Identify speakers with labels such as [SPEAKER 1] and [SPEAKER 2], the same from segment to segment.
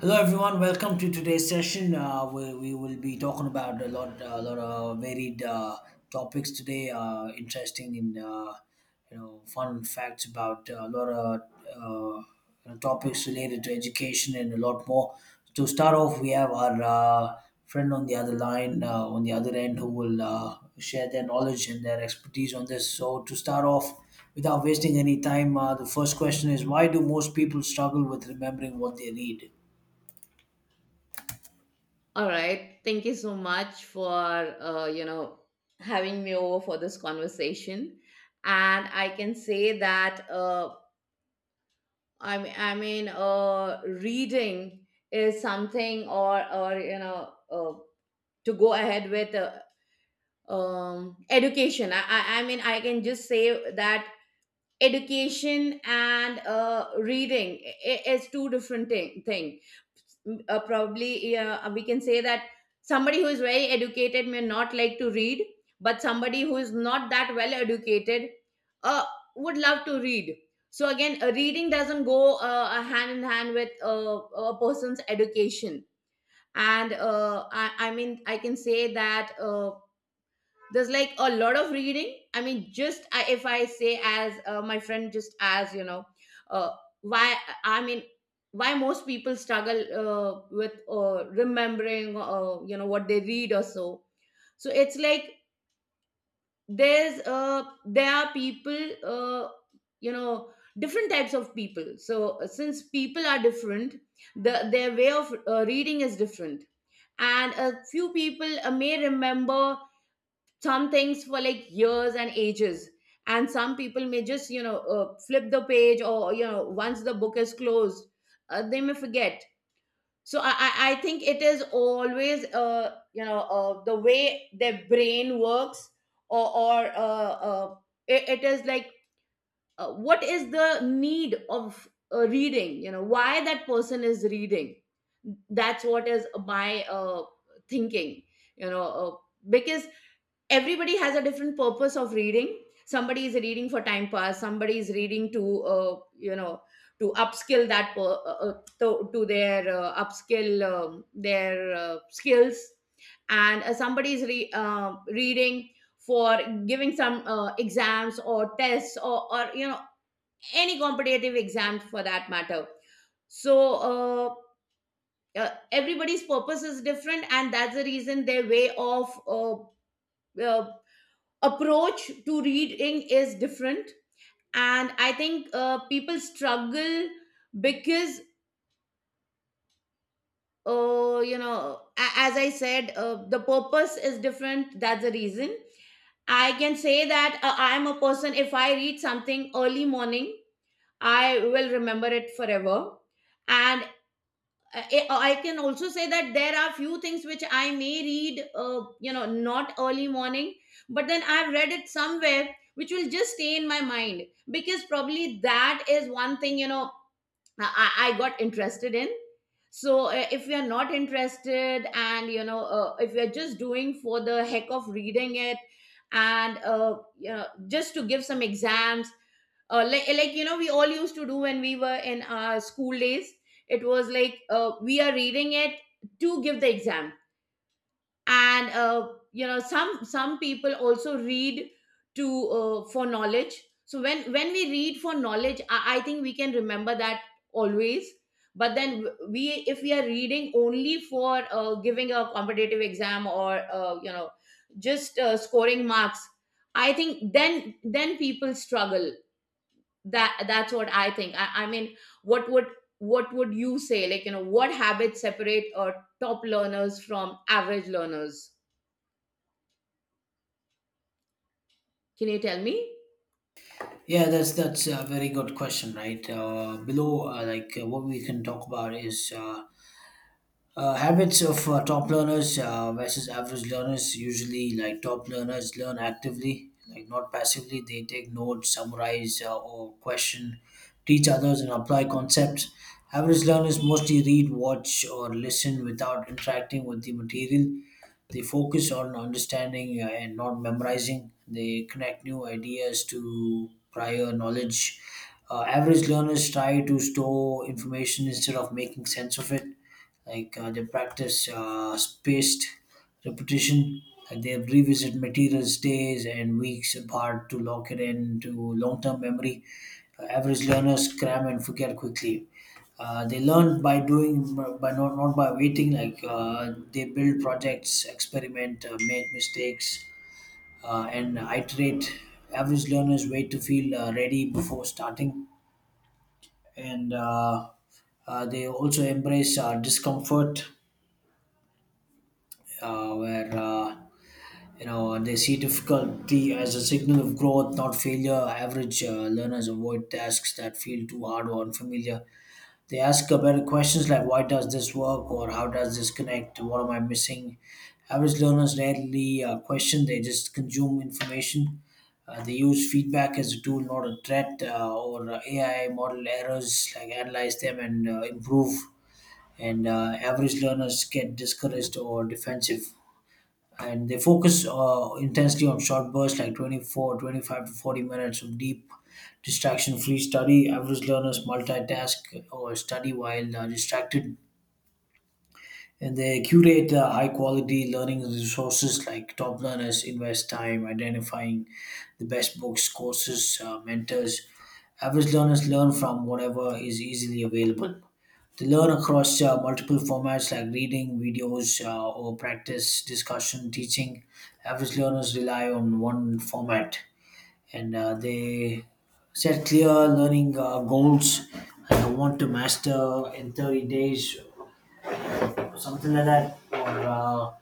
[SPEAKER 1] Hello everyone, welcome to today's session. We will be talking about a lot of varied topics today. Interesting and fun facts about a lot of topics related to education and a lot more. To start off, we have our friend on the other line, on the other end, who will share their knowledge and their expertise on this. So to start off, without wasting any time, the first question is: why do most people struggle with remembering what they read?
[SPEAKER 2] All right. Thank you so much for having me over for this conversation, and I can say that reading is something, or to go ahead with education. I mean, I can just say that education and reading is two different thing. Probably yeah, we can say that somebody who is very educated may not like to read, but somebody who is not that well educated uh, would love to read. So again, reading doesn't go hand in hand with a person's education. And I mean I can say that there's like a lot of reading. I mean, if I say, as my friend just as you know, uh, why, I mean, why most people struggle with remembering what they read or so. So it's like there's there are people, you know different types of people. So since people are different, the their way of reading is different, and a few people may remember some things for like years and ages, and some people may just, you know, flip the page, or you know, once the book is closed, they may forget. So I think it is always, you know, the way their brain works, or or uh, uh it is like, what is the need of reading, you know, why that person is reading. That's what is my thinking, you know, because everybody has a different purpose of reading. Somebody is reading for time pass, somebody is reading to, to upskill that per- to their upskill their skills, and somebody is reading for giving some exams or tests, or you know, any competitive exams for that matter. So everybody's purpose is different, and that's the reason their way of uh, approach to reading is different. And I think people struggle because, uh, you know as I said, the purpose is different, that's the reason. I can say that I'm a person, if I read something early morning, I will remember it forever. And I can also say that there are few things which I may read, not early morning, but then I've read it somewhere, which will just stay in my mind, because probably that is one thing, you know, I got interested in. So if you're not interested and, you know, if you're just doing for the heck of reading it, and, just to give some exams, like you know we all used to do when we were in our school days. It was like, we are reading it to give the exam. And, some people also read to, for knowledge. So when we read for knowledge, I think we can remember that always. But then, we if we are reading only for giving a competitive exam, or just scoring marks, I think then people struggle. That's what I think. I mean, what would, what would you say, like, you know, what habits separate top learners from average learners? Can you tell me?
[SPEAKER 1] Yeah, that's a very good question, right? Below, what we can talk about is habits of top learners versus average learners. Usually, like, top learners learn actively, like not passively. They take notes, summarize, or question, teach others and apply concepts. Average learners mostly read, watch or listen without interacting with the material. They focus on understanding and not memorizing. They connect new ideas to prior knowledge. Average learners try to store information instead of making sense of it. They practice spaced repetition, like they revisit materials days and weeks apart to lock it into long-term memory. Average learners cram and forget quickly. They learn by doing, by not by waiting. They build projects, experiment, make mistakes and iterate. Average learners wait to feel ready before starting. And They also embrace discomfort, where they see difficulty as a signal of growth, not failure. Average learners avoid tasks that feel too hard or unfamiliar. They ask better questions like "Why does this work?" or "How does this connect?" "What am I missing?" Average learners rarely question; they just consume information. They use feedback as a tool, not a threat, or AI model errors, like analyze them and improve. And average learners get discouraged or defensive, and they focus intensely on short bursts, like 24, 25 to 40 minutes of deep, distraction free study. Average learners multitask or study while distracted, and they curate high quality learning resources. Like, top learners invest time identifying the best books, courses, mentors. Average learners learn from whatever is easily available. They learn across multiple formats, like reading, videos, or practice, discussion, teaching. Average learners rely on one format. And they set clear learning goals like, I want to master in 30 days, something like that. Or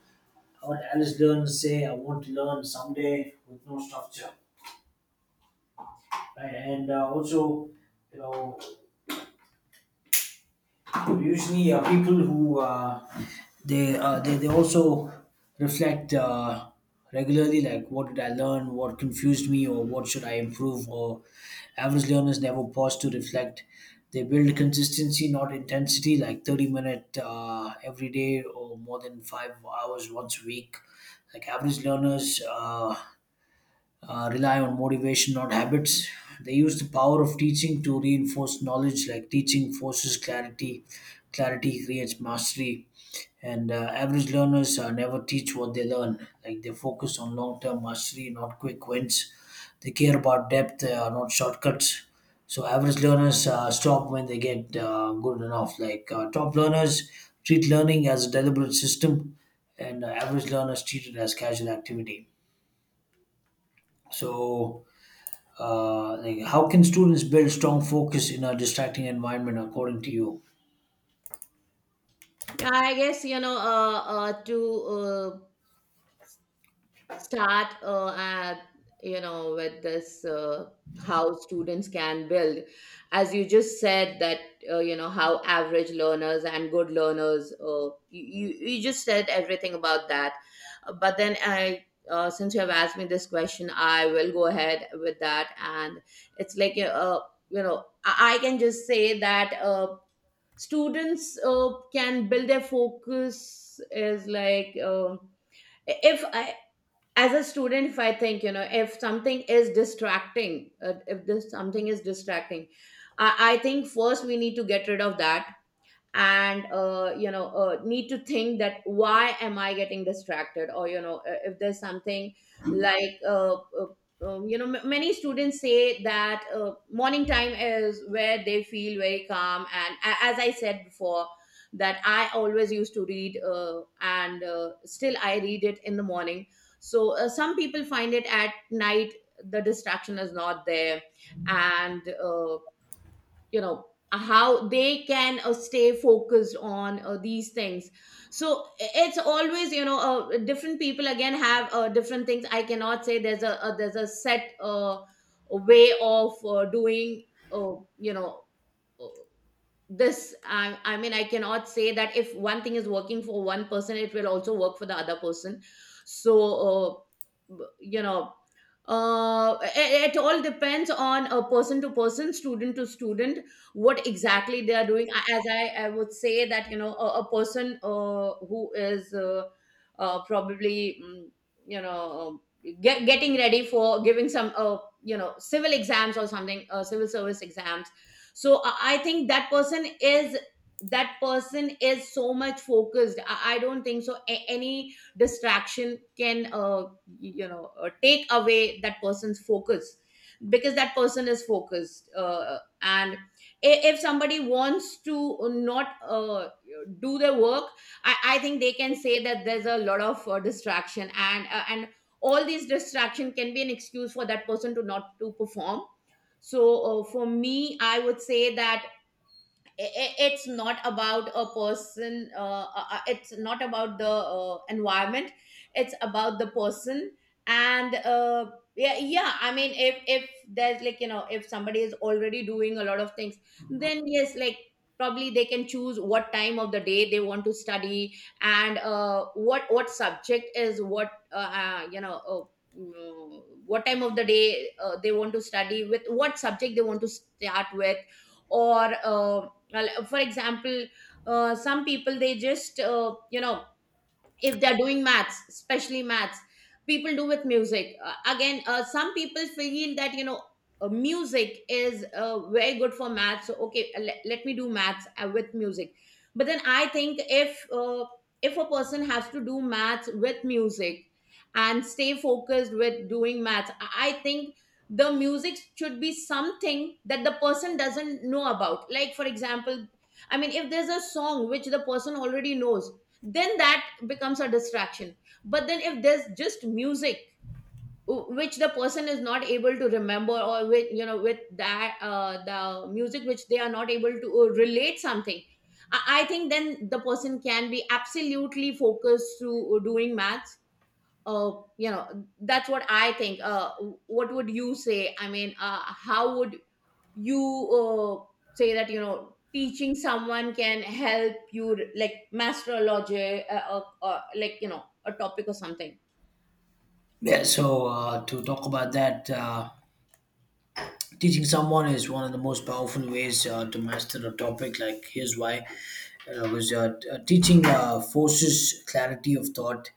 [SPEAKER 1] what Alice Learn say, I want to learn someday with no structure, right? And also, you know, usually people who they also reflect regularly, like what did I learn, what confused me, or what should I improve. Or average learners never pause to reflect. They build consistency, not intensity, like 30 minute every day or more than 5 hours once a week. Like, average learners rely on motivation, not habits. They use the power of teaching to reinforce knowledge, like teaching forces clarity, clarity creates mastery. And average learners never teach what they learn. Like, they focus on long term mastery, not quick wins. They care about depth, not shortcuts. So, average learners stop when they get good enough. Like, top learners treat learning as a deliberate system, and average learners treat it as casual activity. So, how can students build strong focus in a distracting environment, according to you?
[SPEAKER 2] Yeah, I guess, you know, to start at you know, with this, how students can build, as you just said that, how average learners and good learners, you just said everything about that. But then, I since you have asked me this question, I will go ahead with that. And it's like, you know I can just say that students uh, can build their focus is like, if, as a student, if I think, you know, if something is distracting, if this something is distracting, I, I think first we need to get rid of that. And, need to think that, why am I getting distracted? Or you know, if there's something like, you know, many students say that morning time is where they feel very calm. And as I said before, that I always used to read, and still I read it in the morning. So some people find it at night, the distraction is not there. And, how they can stay focused on these things. So it's always, you know, different people again have different things. I cannot say there's a set way of doing, uh, you know uh, this. I mean, I cannot say that if one thing is working for one person, it will also work for the other person. So you know, it all depends on a person to person, student to student, what exactly they are doing. As I would say that, you know, a person who is, probably, you know, getting ready for giving some, you know, civil exams or something, civil service exams. So I think that person is, that person is so much focused. I don't think so any distraction can, take away that person's focus, because that person is focused. And if somebody wants to not, do their work, I think they can say that there's a lot of distraction, and all these distraction can be an excuse for that person to not to perform. So, for me, I would say that it's not about a person, it's not about the environment, it's about the person. And, yeah, I mean, if there's like, you know, if somebody is already doing a lot of things, then yes, like, probably they can choose what time of the day they want to study. And, what subject is what you know mm, what time of the day they want to study, with what subject they want to start with. Or, well, for example, some people, they just, if they're doing maths, especially maths, people do with music. Again, some people feel that, you know, music is, very good for maths. So okay, let me do maths with music. But then I think if, if a person has to do maths with music and stay focused with doing maths, I think the music should be something that the person doesn't know about. Like, for example, I mean, if there's a song which the person already knows, then that becomes a distraction. But then, if there's just music which the person is not able to remember, or with, you know, with that, the music which they are not able to relate something, I think then the person can be absolutely focused to, doing maths, uh, that's what I think. What would you say? I mean, how would you, uh, say that, you know, teaching someone can help you like master a logic, like, you know, a topic or something?
[SPEAKER 1] Yeah, so to talk about that, teaching someone is one of the most powerful ways to master a topic. Like, here's why. Teaching forces clarity of thought.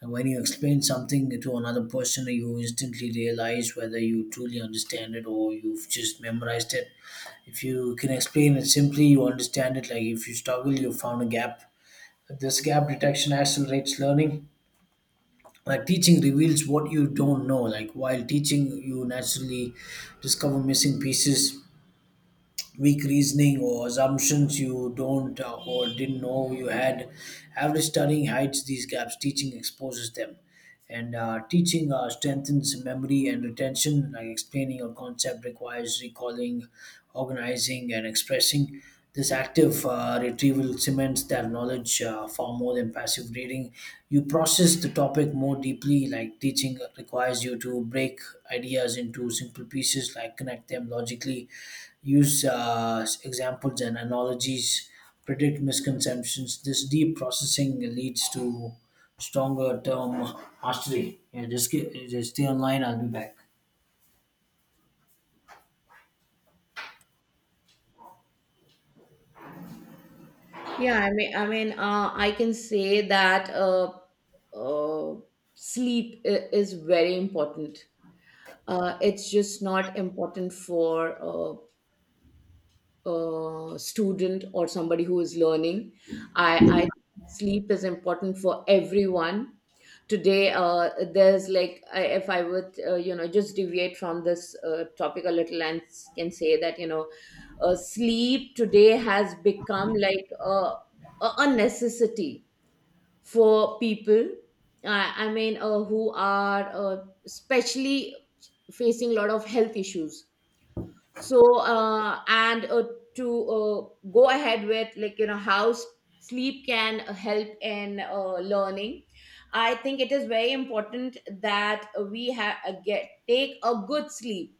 [SPEAKER 1] And when you explain something to another person, you instantly realize whether you truly understand it or you've just memorized it. If you can explain it simply, you understand it. Like, if you struggle, you found a gap. This gap detection accelerates learning. Like, teaching reveals what you don't know. Like, while teaching, you naturally discover missing pieces, weak reasoning or assumptions you don't or didn't know you had. Average studying hides these gaps; teaching exposes them. And teaching strengthens memory and retention. Like, explaining a concept requires recalling, organizing and expressing. This active retrieval cements their knowledge far more than passive reading. You process the topic more deeply. Like, teaching requires you to break ideas into simple pieces, like connect them logically, use examples and analogies, predict misconceptions. This deep processing leads to stronger term mastery. Yeah, just, just stay online, I'll be back.
[SPEAKER 2] Yeah, I mean, I can say that, uh, sleep is very important. It's just not important for, student or somebody who is learning. I think sleep is important for everyone. Today, there's like, if I would, just deviate from this topic a little, and can say that, you know, sleep today has become like a necessity for people. I mean, who are, especially facing a lot of health issues. So and to, go ahead with, like, you know, how sleep can help in learning. I think it is very important that we have get take a good sleep.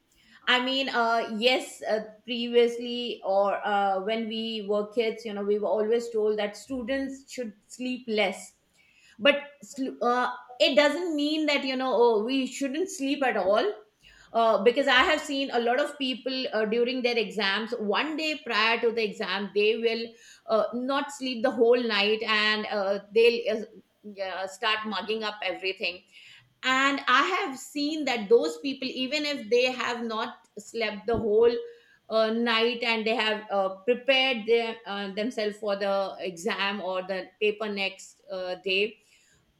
[SPEAKER 2] I mean, yes, previously, or when we were kids, you know, we were always told that students should sleep less. But sl- uh, it doesn't mean that, you know, oh, we shouldn't sleep at all. Because I have seen a lot of people, during their exams, one day prior to the exam, they will, not sleep the whole night, and start mugging up everything. And I have seen that those people, even if they have not slept the whole night, and they have prepared themselves for the exam or the paper next day,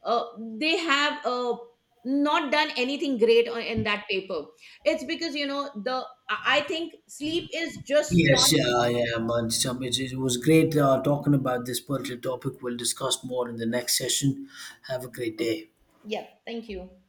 [SPEAKER 2] uh, they have not done anything great in that paper. It's because, you know, the, I think sleep is just
[SPEAKER 1] Yes,
[SPEAKER 2] not.
[SPEAKER 1] yeah, yeah, man. It was great talking about this particular topic. We'll discuss more in the next session. Have a great day.
[SPEAKER 2] Yeah, thank you.